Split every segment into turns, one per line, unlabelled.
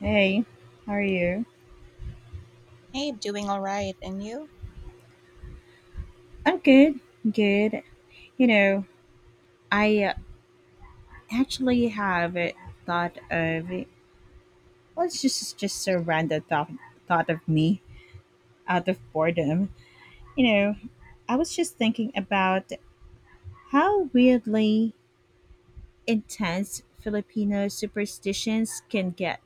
Hey, how are you?
Hey, doing all right. And you?
I'm good, good. You know, I actually have thought of it's just a random thought thought of me out of boredom. You know, I was just thinking about how weirdly intense Filipino superstitions can get.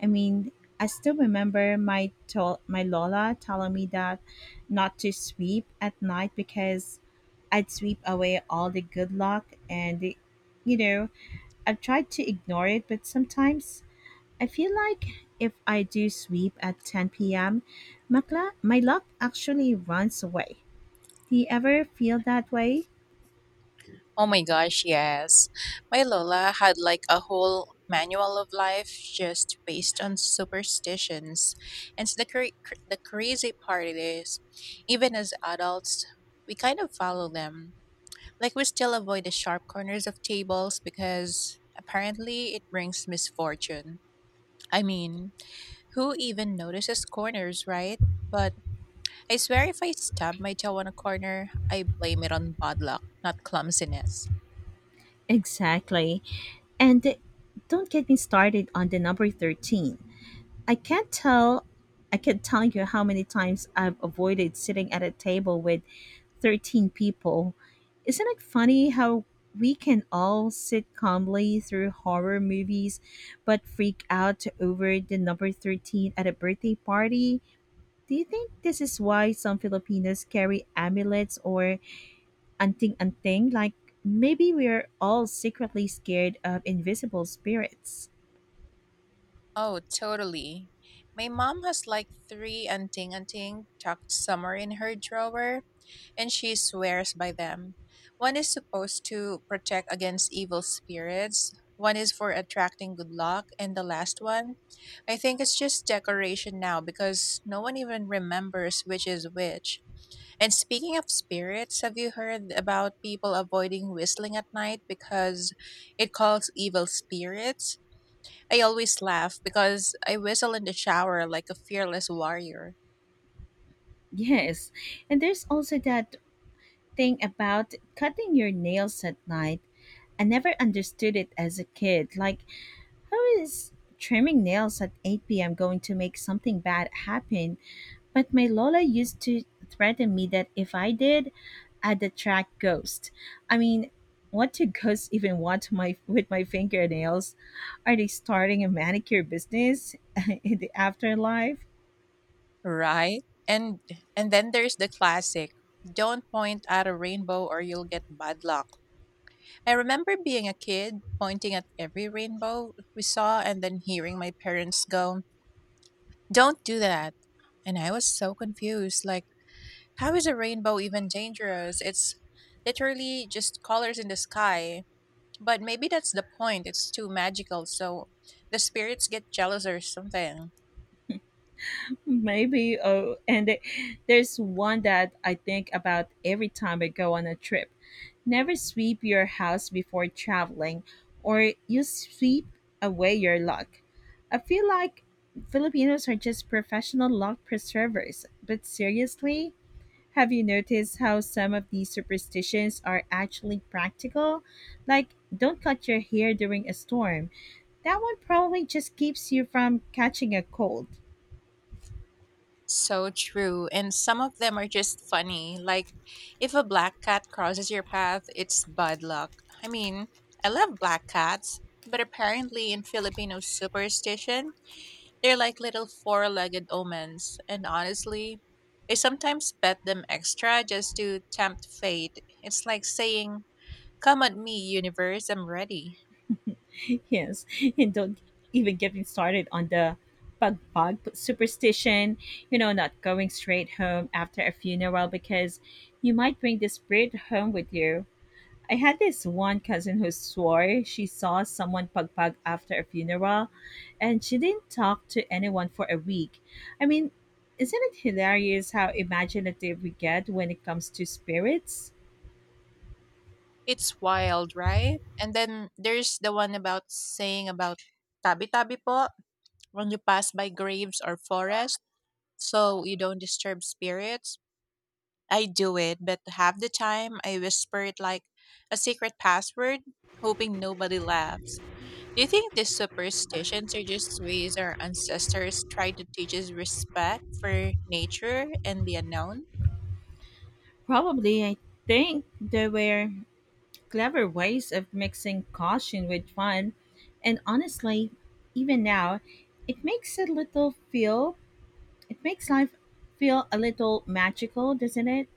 I mean, I still remember my my Lola telling me that not to sweep at night, because I'd sweep away all the good luck and the, you know, I've tried to ignore it, but sometimes I feel like if I do sweep at 10 p.m., my luck actually runs away. Do you ever feel that way?
Oh my gosh, yes. My Lola had like a whole manual of life just based on superstitions. And so the crazy part it is, even as adults, we kind of follow them. Like we still avoid the sharp corners of tables because apparently it brings misfortune. I mean, who even notices corners, right? But I swear if I stab my jaw on a corner, I blame it on bad luck, not clumsiness.
Exactly. And don't get me started on the number 13. I can't tell I can not tell you how many times I've avoided sitting at a table with 13 people. Isn't it funny how we can all sit calmly through horror movies but freak out over the number 13 at a birthday party? Do you think this is why some Filipinos carry amulets or anting anting? Like maybe we're all secretly scared of invisible spirits.
Oh, totally. My mom has like three anting anting tucked somewhere in her drawer, and she swears by them. One is supposed to protect against evil spirits, one is for attracting good luck, and the last one, I think it's just decoration now because no one even remembers which is which. And speaking of spirits, have you heard about people avoiding whistling at night because it calls evil spirits? I always laugh because I whistle in the shower like a fearless warrior,
Yes, and there's also that thing about cutting your nails at night. I never understood it as a kid. Like, how is trimming nails at 8 p.m. going to make something bad happen? But my Lola used to threaten me that if I did, I'd attract ghosts. I mean, what do ghosts even want my with my fingernails? Are they starting a manicure business in the afterlife?
right? And then there's the classic, don't point at a rainbow or you'll get bad luck. I remember being a kid pointing at every rainbow we saw and then hearing my parents go, "Don't do that." And I was so confused, like how is a rainbow even dangerous? It's literally just colors in the sky. But maybe that's the point. It's too magical, so the spirits get jealous or something.
Maybe. Oh, and there's one that I think about every time I go on a trip. Never sweep your house before traveling, or you sweep away your luck. I feel like Filipinos are just professional luck preservers. But seriously, have you noticed how some of these superstitions are actually practical? Like, don't cut your hair during a storm. That one probably just keeps you from catching a cold.
So true. And some of them are just funny. Like if a black cat crosses your path, it's bad luck. I mean, I love black cats, but apparently in Filipino superstition, they're like little four legged omens, and honestly, I sometimes pet them extra just to tempt fate. It's like saying, come at me, universe, I'm ready.
Yes, and don't even get me started on the pagpag superstition, you know, not going straight home after a funeral because you might bring the spirit home with you. I had this one cousin who swore she saw someone pagpag after a funeral, and she didn't talk to anyone for a week. I mean, isn't it hilarious how imaginative we get when it comes to spirits?
It's wild, right? And then there's the one about saying about tabi tabi po when you pass by graves or forest so you don't disturb spirits. I do it, but half the time I whisper it like a secret password, hoping nobody laughs. Do you think these superstitions are just ways our ancestors tried to teach us respect for nature and the unknown?
Probably. I think they were clever ways of mixing caution with fun. And honestly, even now, it makes a little feel, it makes life feel a little magical, doesn't it?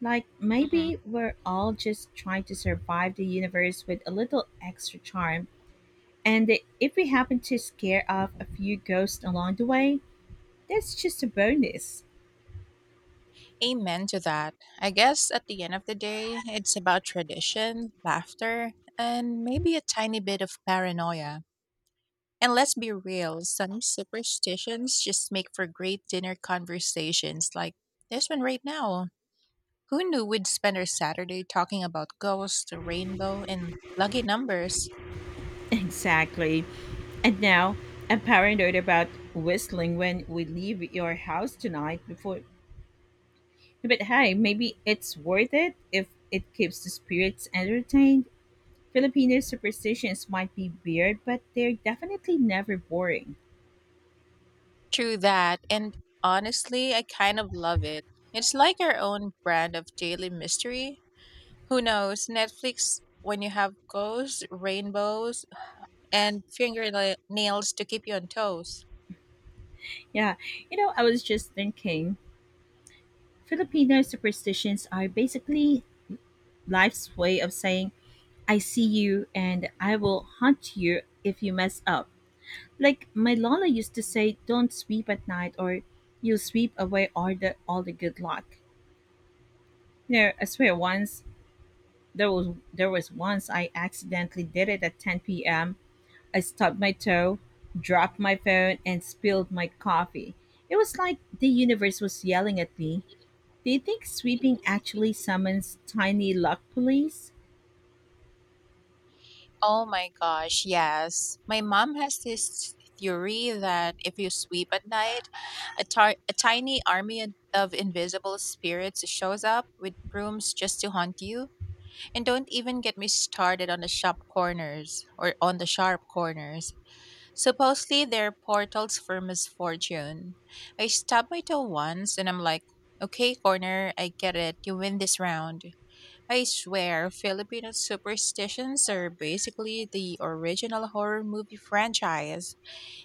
Like
Hmm.
maybe we're all just trying to survive the universe with a little extra charm. And if we happen to scare off a few ghosts along the way, that's just a bonus.
Amen to that. I guess at the end of the day, it's about tradition, laughter, and maybe a tiny bit of paranoia. And let's be real, some superstitions just make for great dinner conversations like this one right now. Who knew we'd spend our Saturday talking about ghosts, the rainbow, and lucky numbers?
Exactly. And now, I'm paranoid about whistling when we leave your house tonight before. But hey, maybe it's worth it if it keeps the spirits entertained. Filipino superstitions might be weird, but they're definitely never boring.
True that, and honestly, I kind of love it. It's like our own brand of daily mystery. Who knows? Netflix, when you have ghosts, rainbows, and fingernails to keep you on toes.
Yeah, you know, I was just thinking Filipino superstitions are basically life's way of saying, I see you and I will hunt you if you mess up. Like my Lola used to say, don't sweep at night or you'll sweep away all the good luck. You know, I swear once There was there was once I accidentally did it at 10 p.m. I stubbed my toe, dropped my phone, and spilled my coffee. It was like the universe was yelling at me. Do you think sweeping actually summons tiny luck police?
Oh my gosh, yes. My mom has this theory that if you sweep at night, a tiny army of invisible spirits shows up with brooms just to haunt you. And don't even get me started on the sharp corners. Supposedly they're portals for misfortune. I stabbed my toe once and I'm like, okay, corner, I get it. You win this round. I swear, Filipino superstitions are basically the original horror movie franchise.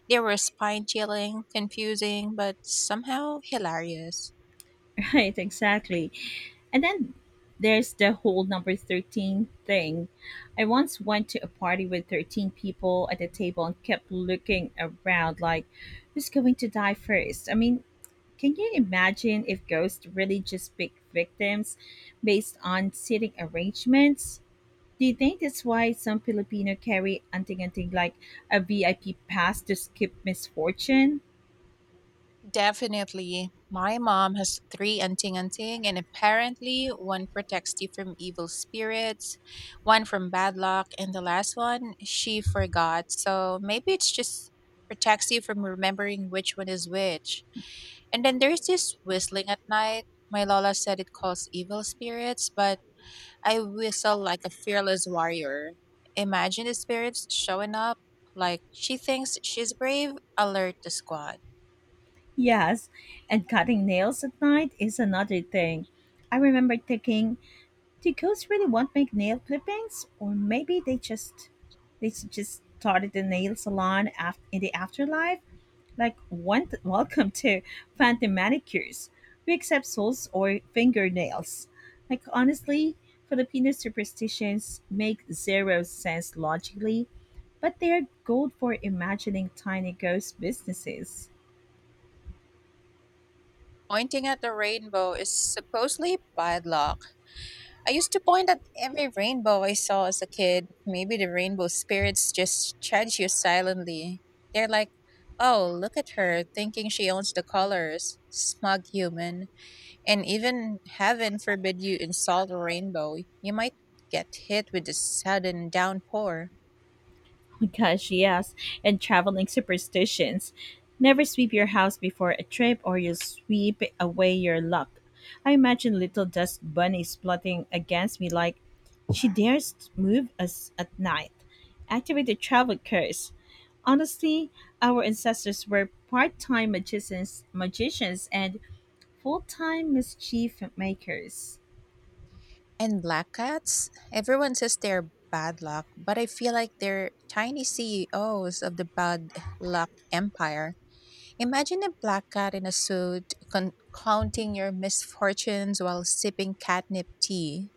They were spine chilling, confusing, but somehow hilarious.
Right, exactly. And then there's the whole number 13 thing. I once went to a party with 13 people at the table and kept looking around like, who's going to die first? I mean, can you imagine if ghosts really just pick victims based on seating arrangements? Do you think that's why some Filipino carry anting-anting, like a VIP pass to skip misfortune?
Definitely. My mom has three anting anting, and apparently one protects you from evil spirits, one from bad luck, and the last one she forgot. So maybe it's just protects you from remembering which one is which. And then there's this whistling at night. My Lola said it calls evil spirits, but I whistle like a fearless warrior. Imagine the spirits showing up like she thinks she's brave, alert the squad.
Yes, and cutting nails at night is another thing. I remember thinking, do ghosts really want my nail clippings, or maybe they just started the nail salon in the afterlife? Like, one, welcome to Phantom Manicures. We accept souls or fingernails. Like, honestly, Filipino superstitions make zero sense logically, but they're gold for imagining tiny ghost businesses.
Pointing at the rainbow is supposedly bad luck. I used to point at every rainbow I saw as a kid. Maybe the rainbow spirits just judge you silently. They're like, oh, look at her, thinking she owns the colors. Smug human. And even heaven forbid you insult a rainbow, you might get hit with a sudden downpour.
Gosh, yes! And traveling superstitions. Never sweep your house before a trip, or you'll sweep away your luck. I imagine little dust bunnies plotting against me like, she dares move us at night. Activate the travel curse. Honestly, our ancestors were part time magicians and full time mischief makers.
And black cats? Everyone says they're bad luck, but I feel like they're tiny CEOs of the bad luck empire. Imagine a black cat in a suit counting your misfortunes while sipping catnip tea.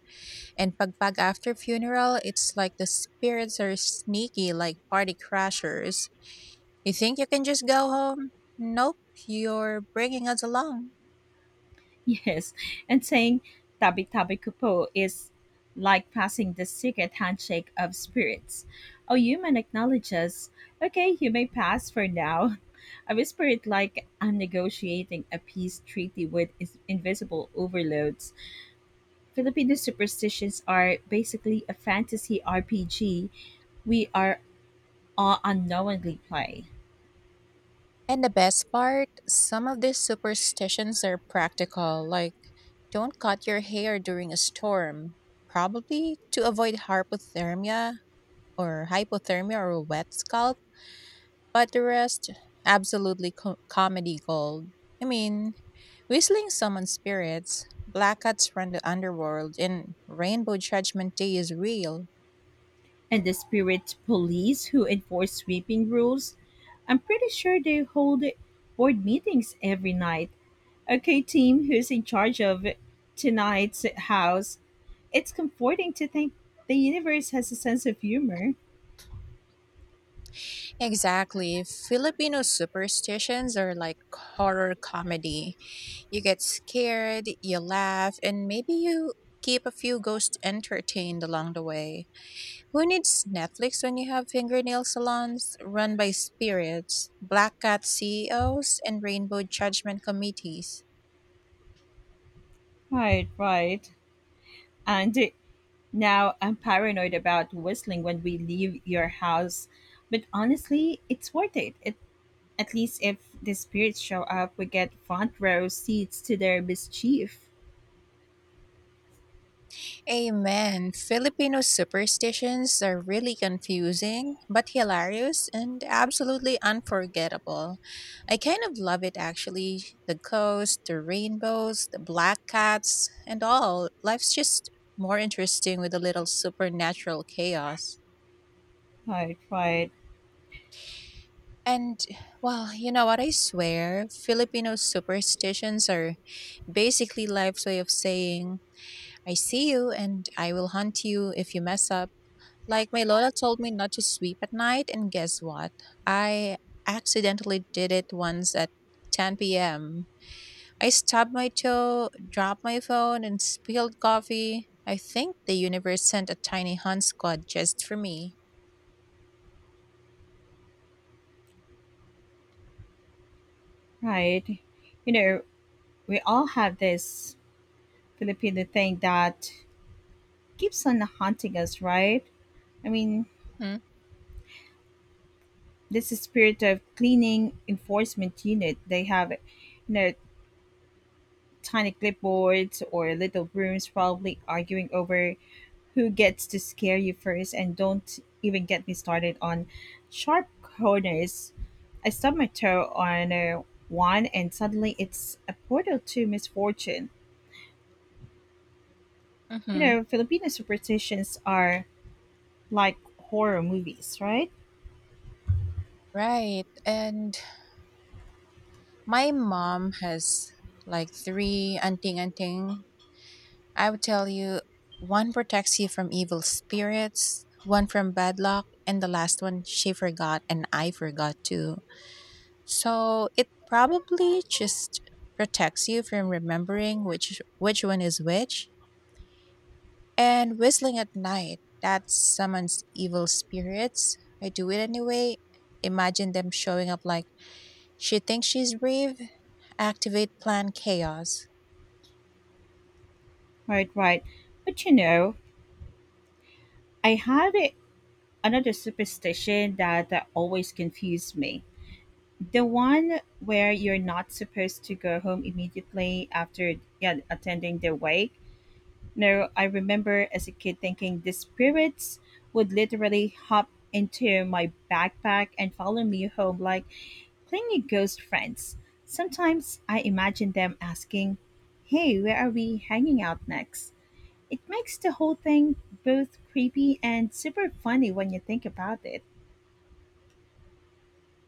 And pagpag after funeral, it's like the spirits are sneaky like party crashers. You think you can just go home? Nope, you're bringing us along.
Yes, and saying tabi tabi kupo is like passing the secret handshake of spirits. A human acknowledges, okay, you may pass for now. A spirit like I'm negotiating a peace treaty with invisible overloads. Filipino superstitions are basically a fantasy RPG we are all unknowingly play.
And the best part, some of these superstitions are practical, like don't cut your hair during a storm, probably to avoid hypothermia or a wet scalp, but the rest, absolutely comedy gold. I mean, whistling summons spirits, black cats from the underworld, and rainbow judgment day is real.
And the spirit police who enforce sweeping rules. I'm pretty sure they hold board meetings every night. Okay, team, who's in charge of tonight's house? It's comforting to think the universe has a sense of humor.
Exactly. Filipino superstitions are like horror comedy. You get scared, you laugh, and maybe you keep a few ghosts entertained along the way. Who needs Netflix when you have fingernail salons run by spirits, black cat CEOs, and rainbow judgment committees?
Right, right. And now I'm paranoid about whistling when we leave your house. But honestly, it's worth it, at least if the spirits show up, we get front row seats to their mischief.
Amen. Filipino superstitions are really confusing, but hilarious and absolutely unforgettable. I kind of love it actually. The ghosts, the rainbows, the black cats, and all. Life's just more interesting with a little supernatural chaos.
Right, right.
And, well, you know what? I swear, Filipino superstitions are basically life's way of saying, I see you and I will hunt you if you mess up. Like my Lola told me not to sweep at night, and guess what? I accidentally did it once at 10 p.m. I stubbed my toe, dropped my phone, and spilled coffee. I think the universe sent a tiny hunt squad just for me.
Right. You know, we all have this Filipino thing that keeps on haunting us, right? I mean,
Mm-hmm.
this is spirit of cleaning enforcement unit. They have, you know, tiny clipboards or little brooms probably arguing over who gets to scare you first, and don't even get me started on sharp corners. I stub my toe on one and suddenly it's a portal to misfortune. You
Hmm.
know, Filipino superstitions are like horror movies, right?
Right. And my mom has like three anting anting. I would tell you one protects you from evil spirits, one from bad luck, and the last one she forgot and I forgot too. So it probably just protects you from remembering which one is which. And whistling at night, that summons evil spirits. I do it anyway. Imagine them showing up like she thinks she's brave. Activate plan chaos.
Right, right. But you know, I had another superstition that always confused me. The one where you're not supposed to go home immediately after yeah, attending the wake. No, I remember as a kid thinking the spirits would literally hop into my backpack and follow me home like clingy ghost friends. Sometimes I imagine them asking, hey, where are we hanging out next? It makes the whole thing both creepy and super funny when you think about it.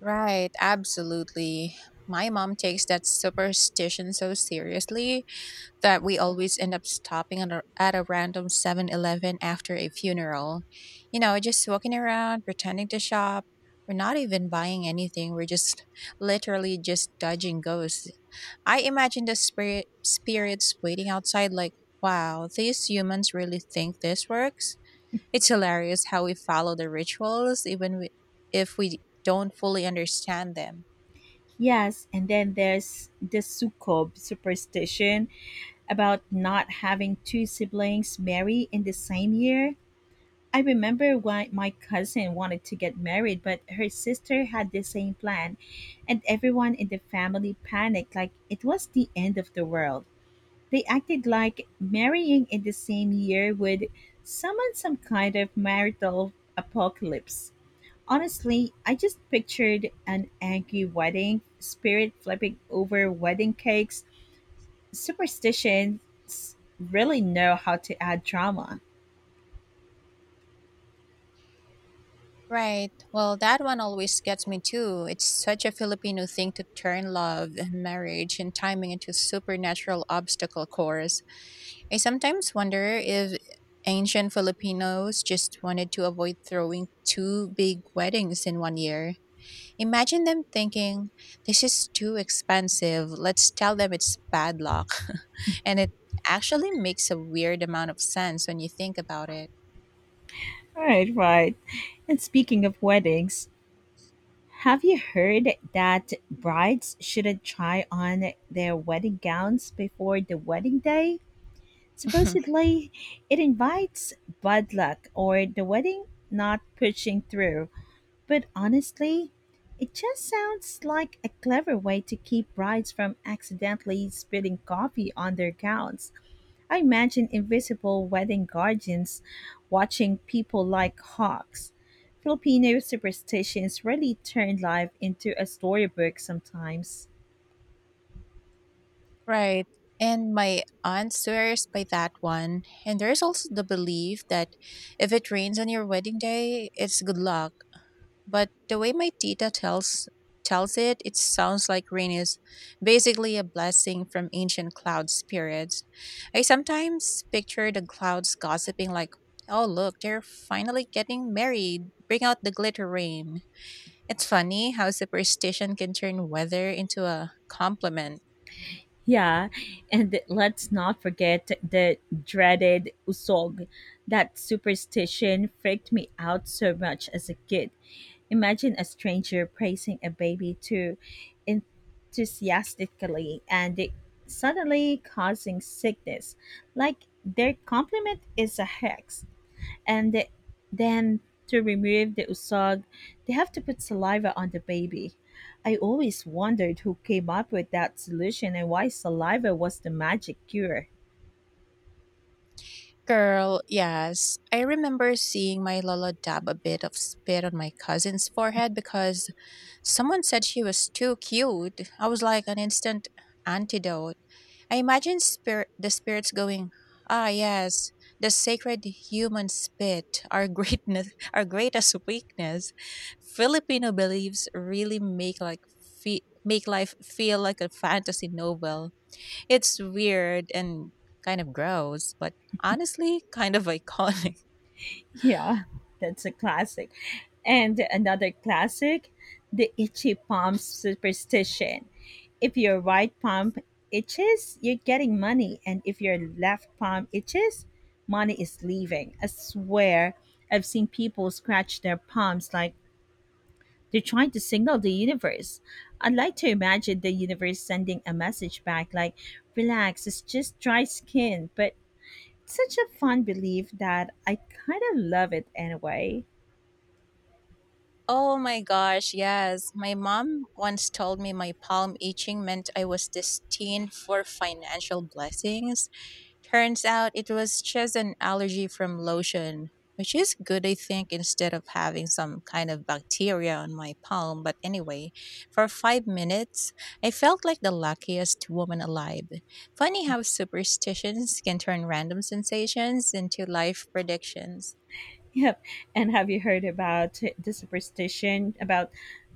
Right, absolutely. My mom takes that superstition so seriously that we always end up stopping at a random 7-Eleven after a funeral. You know, just walking around, pretending to shop. We're not even buying anything. We're just literally just dodging ghosts. I imagine the spirits waiting outside like, wow, these humans really think this works? It's hilarious how we follow the rituals even we, if we don't fully understand them.
Yes, and then there's the Sukob superstition about not having two siblings marry in the same year. I remember why my cousin wanted to get married, but her sister had the same plan, and everyone in the family panicked like it was the end of the world. They acted like marrying in the same year would summon some kind of marital apocalypse. Honestly, I just pictured an angry wedding spirit flipping over wedding cakes. Superstitions really know how to add drama.
Right. Well, that one always gets me too. It's such a Filipino thing to turn love and marriage and timing into supernatural obstacle course. I sometimes wonder if ancient Filipinos just wanted to avoid throwing two big weddings in one year. Imagine them thinking, this is too expensive, let's tell them it's bad luck. And it actually makes a weird amount of sense when you think about it.
Right, right. And speaking of weddings, have you heard that brides shouldn't try on their wedding gowns before the wedding day? Supposedly, it invites bad luck or the wedding not pushing through. But honestly, it just sounds like a clever way to keep brides from accidentally spilling coffee on their gowns. I imagine invisible wedding guardians watching people like hawks. Filipino superstitions really turn life into a storybook sometimes.
Right. And my aunt swears by that one. And there's also the belief that if it rains on your wedding day, it's good luck, but the way my tita tells it, it sounds like rain is basically a blessing from ancient cloud spirits. I sometimes picture the clouds gossiping like, "Oh, look, they're finally getting married. Bring out the glitter rain." It's funny how superstition can turn weather into a compliment.
Yeah, and let's not forget the dreaded usog. That superstition freaked me out so much as a kid. Imagine a stranger praising a baby too enthusiastically and it suddenly causing sickness, like their compliment is a hex, and then to remove the usag, they have to put saliva on the baby. I always wondered who came up with that solution and why saliva was the magic cure.
Girl, yes. I remember seeing my lola dab a bit of spit on my cousin's forehead because someone said she was too cute. I was like an instant antidote. I imagine the spirits going, "Ah, yes, the sacred human spit, our greatness, our greatest weakness." Filipino beliefs really make life feel like a fantasy novel. It's weird and kind of gross, but honestly, kind of iconic.
Yeah, that's a classic. And another classic, the itchy palm superstition. If your right palm itches, you're getting money. And if your left palm itches, money is leaving. I swear, I've seen people scratch their palms like they're trying to signal the universe. I'd like to imagine the universe sending a message back like, relax, it's just dry skin. But such a fun belief that I kind of love it anyway.
Oh my gosh, yes. My mom once told me my palm itching meant I was destined for financial blessings. Turns out it was just an allergy from lotion, which is good, I think, instead of having some kind of bacteria on my palm. But anyway, for 5 minutes, I felt like the luckiest woman alive. Funny how superstitions can turn random sensations into life predictions.
Yep. And have you heard about the superstition about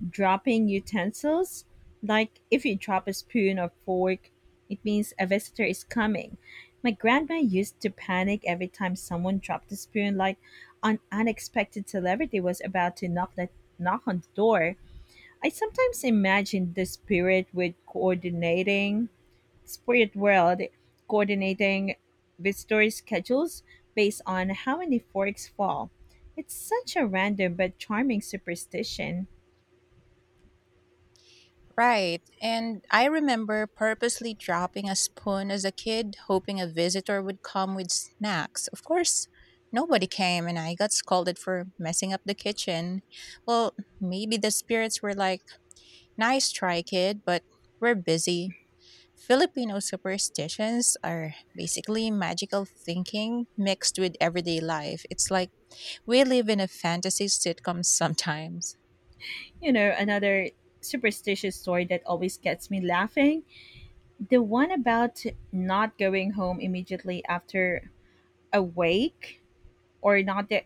dropping utensils? Like, if you drop a spoon or fork, it means a visitor is coming. My grandma used to panic every time someone dropped a spoon, like an unexpected celebrity was about to knock on the door. I sometimes imagine the spirit with coordinating Spirit World, coordinating visitor schedules based on how many forks fall. It's such a random but charming superstition.
Right. And I remember purposely dropping a spoon as a kid, hoping a visitor would come with snacks. Of course, nobody came, and I got scolded for messing up the kitchen. Well, maybe the spirits were like, nice try, kid, but we're busy. Filipino superstitions are basically magical thinking mixed with everyday life. It's like we live in a fantasy sitcom sometimes.
You know, another superstitious story that always gets me laughing, the one about not going home immediately after a wake or not the,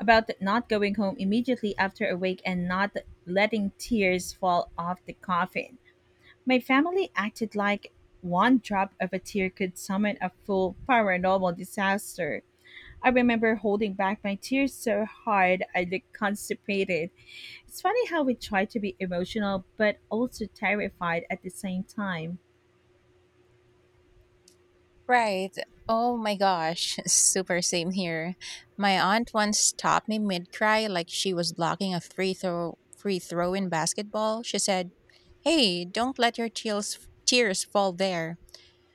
about not going home immediately after a wake and not letting tears fall off the coffin. My family acted like one drop of a tear could summon a full paranormal disaster. I remember holding back my tears so hard I looked constipated. It's funny how we try to be emotional but also terrified at the same time.
Right. Oh my gosh. Super same here. My aunt once stopped me mid cry like she was blocking a free throw in basketball. She said, hey, don't let your tears fall there.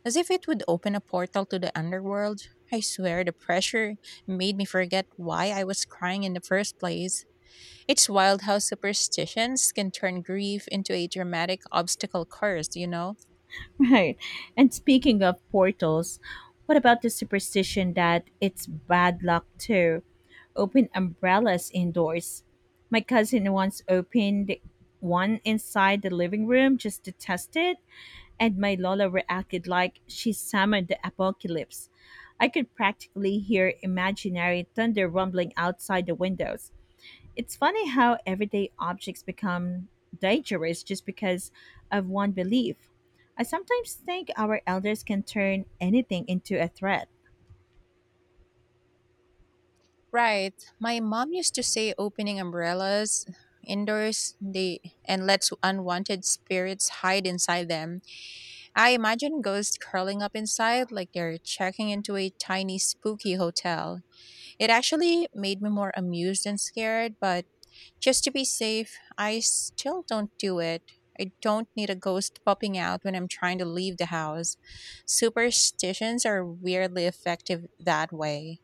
As if it would open a portal to the underworld, I swear the pressure made me forget why I was crying in the first place. It's wild how superstitions can turn grief into a dramatic obstacle course, you know?
Right. And speaking of portals, what about the superstition that it's bad luck to open umbrellas indoors? My cousin once opened one inside the living room just to test it, and my Lola reacted like she summoned the apocalypse. I could practically hear imaginary thunder rumbling outside the windows. It's funny how everyday objects become dangerous just because of one belief. I sometimes think our elders can turn anything into a threat.
Right. My mom used to say opening umbrellas indoors they and lets unwanted spirits hide inside them. I imagine ghosts curling up inside like they're checking into a tiny spooky hotel. It actually made me more amused and scared, but just to be safe, I still don't do it. I don't need a ghost popping out when I'm trying to leave the house. Superstitions are weirdly effective that way.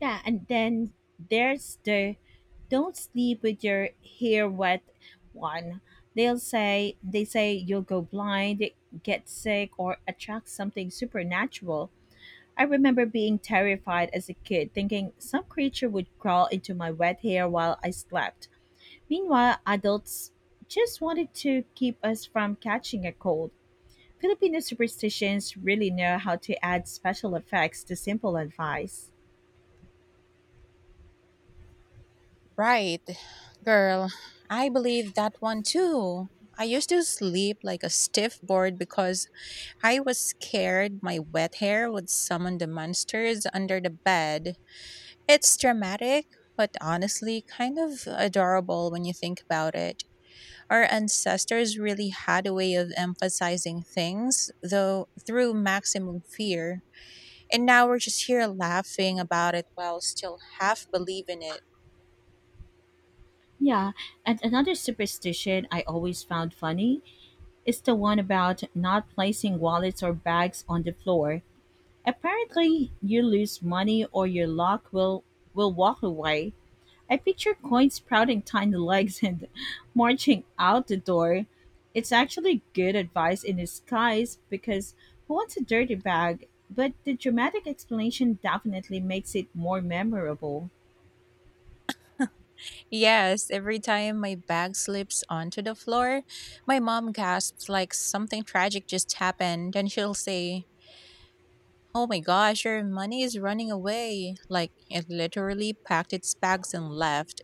Yeah, and then there's the don't sleep with your hair wet one. They say you'll go blind, get sick, or attract something supernatural. I remember being terrified as a kid, thinking some creature would crawl into my wet hair while I slept. Meanwhile, adults just wanted to keep us from catching a cold. Filipino superstitions really know how to add special effects to simple advice.
Right, girl. I believe that one too. I used to sleep like a stiff board because I was scared my wet hair would summon the monsters under the bed. It's dramatic, but honestly kind of adorable when you think about it. Our ancestors really had a way of emphasizing things, though through maximum fear. And now we're just here laughing about it while still half believing it.
Yeah, and another superstition I always found funny is the one about not placing wallets or bags on the floor. Apparently, you lose money or your lock will walk away. I picture coins sprouting tiny legs and marching out the door. It's actually good advice in disguise because who wants a dirty bag? But the dramatic explanation definitely makes it more memorable.
Yes, every time my bag slips onto the floor, my mom gasps like something tragic just happened, and she'll say, oh my gosh, your money is running away. Like it literally packed its bags and left.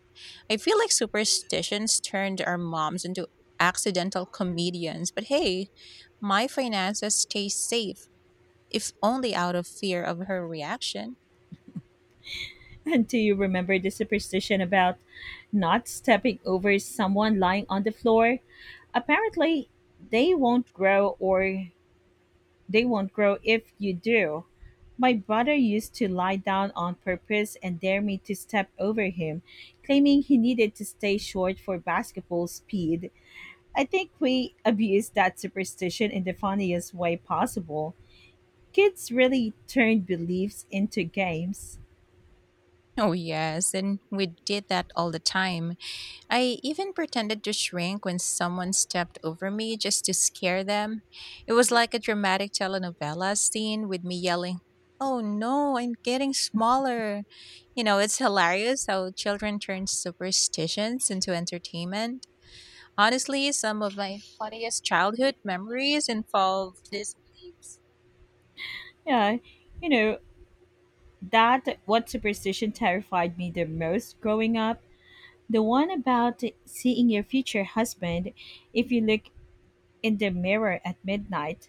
I feel like superstitions turned our moms into accidental comedians, but hey, my finances stay safe if only out of fear of her reaction.
And do you remember the superstition about not stepping over someone lying on the floor? Apparently, they won't grow or they won't grow if you do. My brother used to lie down on purpose and dare me to step over him, claiming he needed to stay short for basketball speed. I think we abused that superstition in the funniest way possible. Kids really turn beliefs into games.
Oh, yes, and we did that all the time. I even pretended to shrink when someone stepped over me just to scare them. It was like a dramatic telenovela scene with me yelling, oh no, I'm getting smaller. You know, it's hilarious how children turn superstitions into entertainment. Honestly, some of my funniest childhood memories involve these beliefs.
Yeah, you know, that what superstition terrified me the most growing up? The one about seeing your future husband if you look in the mirror at midnight.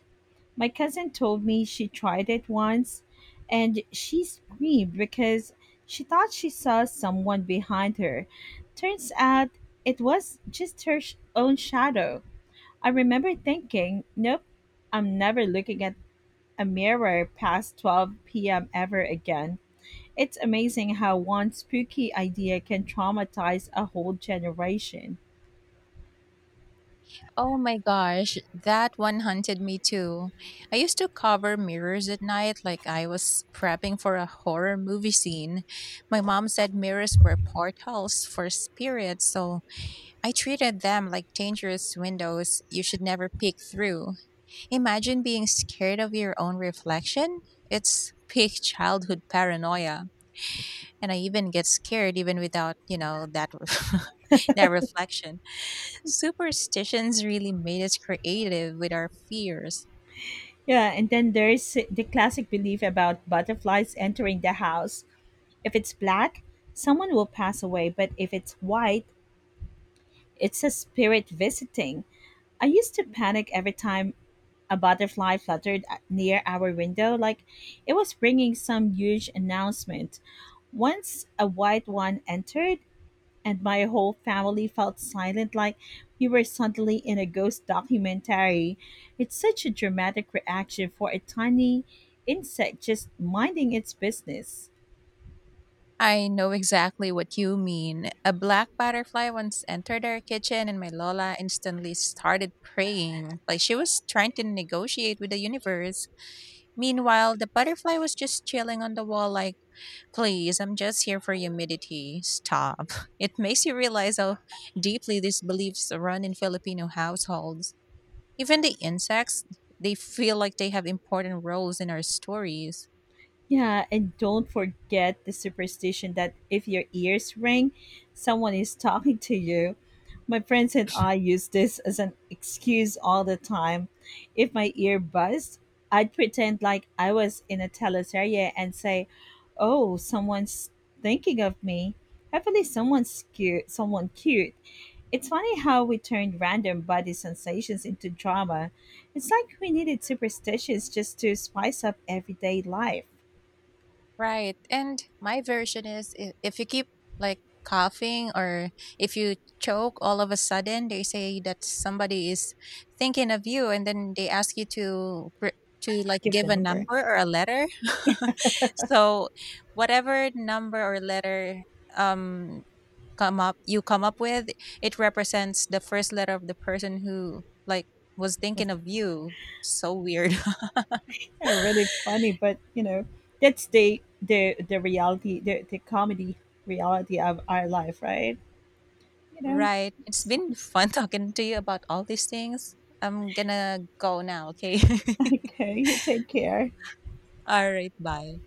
My cousin told me she tried it once and she screamed because she thought she saw someone behind her. Turns out it was just her own shadow. I remember thinking, nope, I'm never looking at a mirror past 12 p.m. ever again. It's amazing how one spooky idea can traumatize a whole generation.
Oh my gosh, that one haunted me too. I used to cover mirrors at night like I was prepping for a horror movie scene. My mom said mirrors were portals for spirits, so I treated them like dangerous windows you should never peek through. Imagine being scared of your own reflection. It's peak childhood paranoia. And I even get scared even without, you know, that that reflection. Superstitions really made us creative with our fears.
Yeah, and then there's the classic belief about butterflies entering the house. If it's black, someone will pass away, but if it's white, it's a spirit visiting. I used to panic every time a butterfly fluttered near our window, like it was bringing some huge announcement. Once a white one entered, and my whole family felt silent like we were suddenly in a ghost documentary. It's such a dramatic reaction for a tiny insect just minding its business.
I know exactly what you mean. A black butterfly once entered our kitchen, and my Lola instantly started praying, like she was trying to negotiate with the universe. Meanwhile, the butterfly was just chilling on the wall, like, please, I'm just here for humidity. Stop. It makes you realize how deeply these beliefs run in Filipino households. Even the insects, they feel like they have important roles in our stories.
Yeah, and don't forget the superstition that if your ears ring, someone is talking to you. My friends and I use this as an excuse all the time. If my ear buzzed, I'd pretend like I was in a teleserye and say, "Oh, someone's thinking of me." Hopefully, someone's cute. Someone cute. It's funny how we turned random body sensations into drama. It's like we needed superstitions just to spice up everyday life.
Right. And my version is if you keep like coughing or if you choke all of a sudden, they say that somebody is thinking of you and then they ask you to like
Give
give
the
a
number. It
number or a letter. So whatever number or letter um come up you come up with, it represents the first letter of the person who like was
was
thinking of you. So weird.
kind of really funny, but that's the reality, the comedy reality of our life, right? you know
Right. It's been
Sounds.
fun talking to you about all these things. I'm gonna go now, okay?
Okay, you take care.
All right, bye.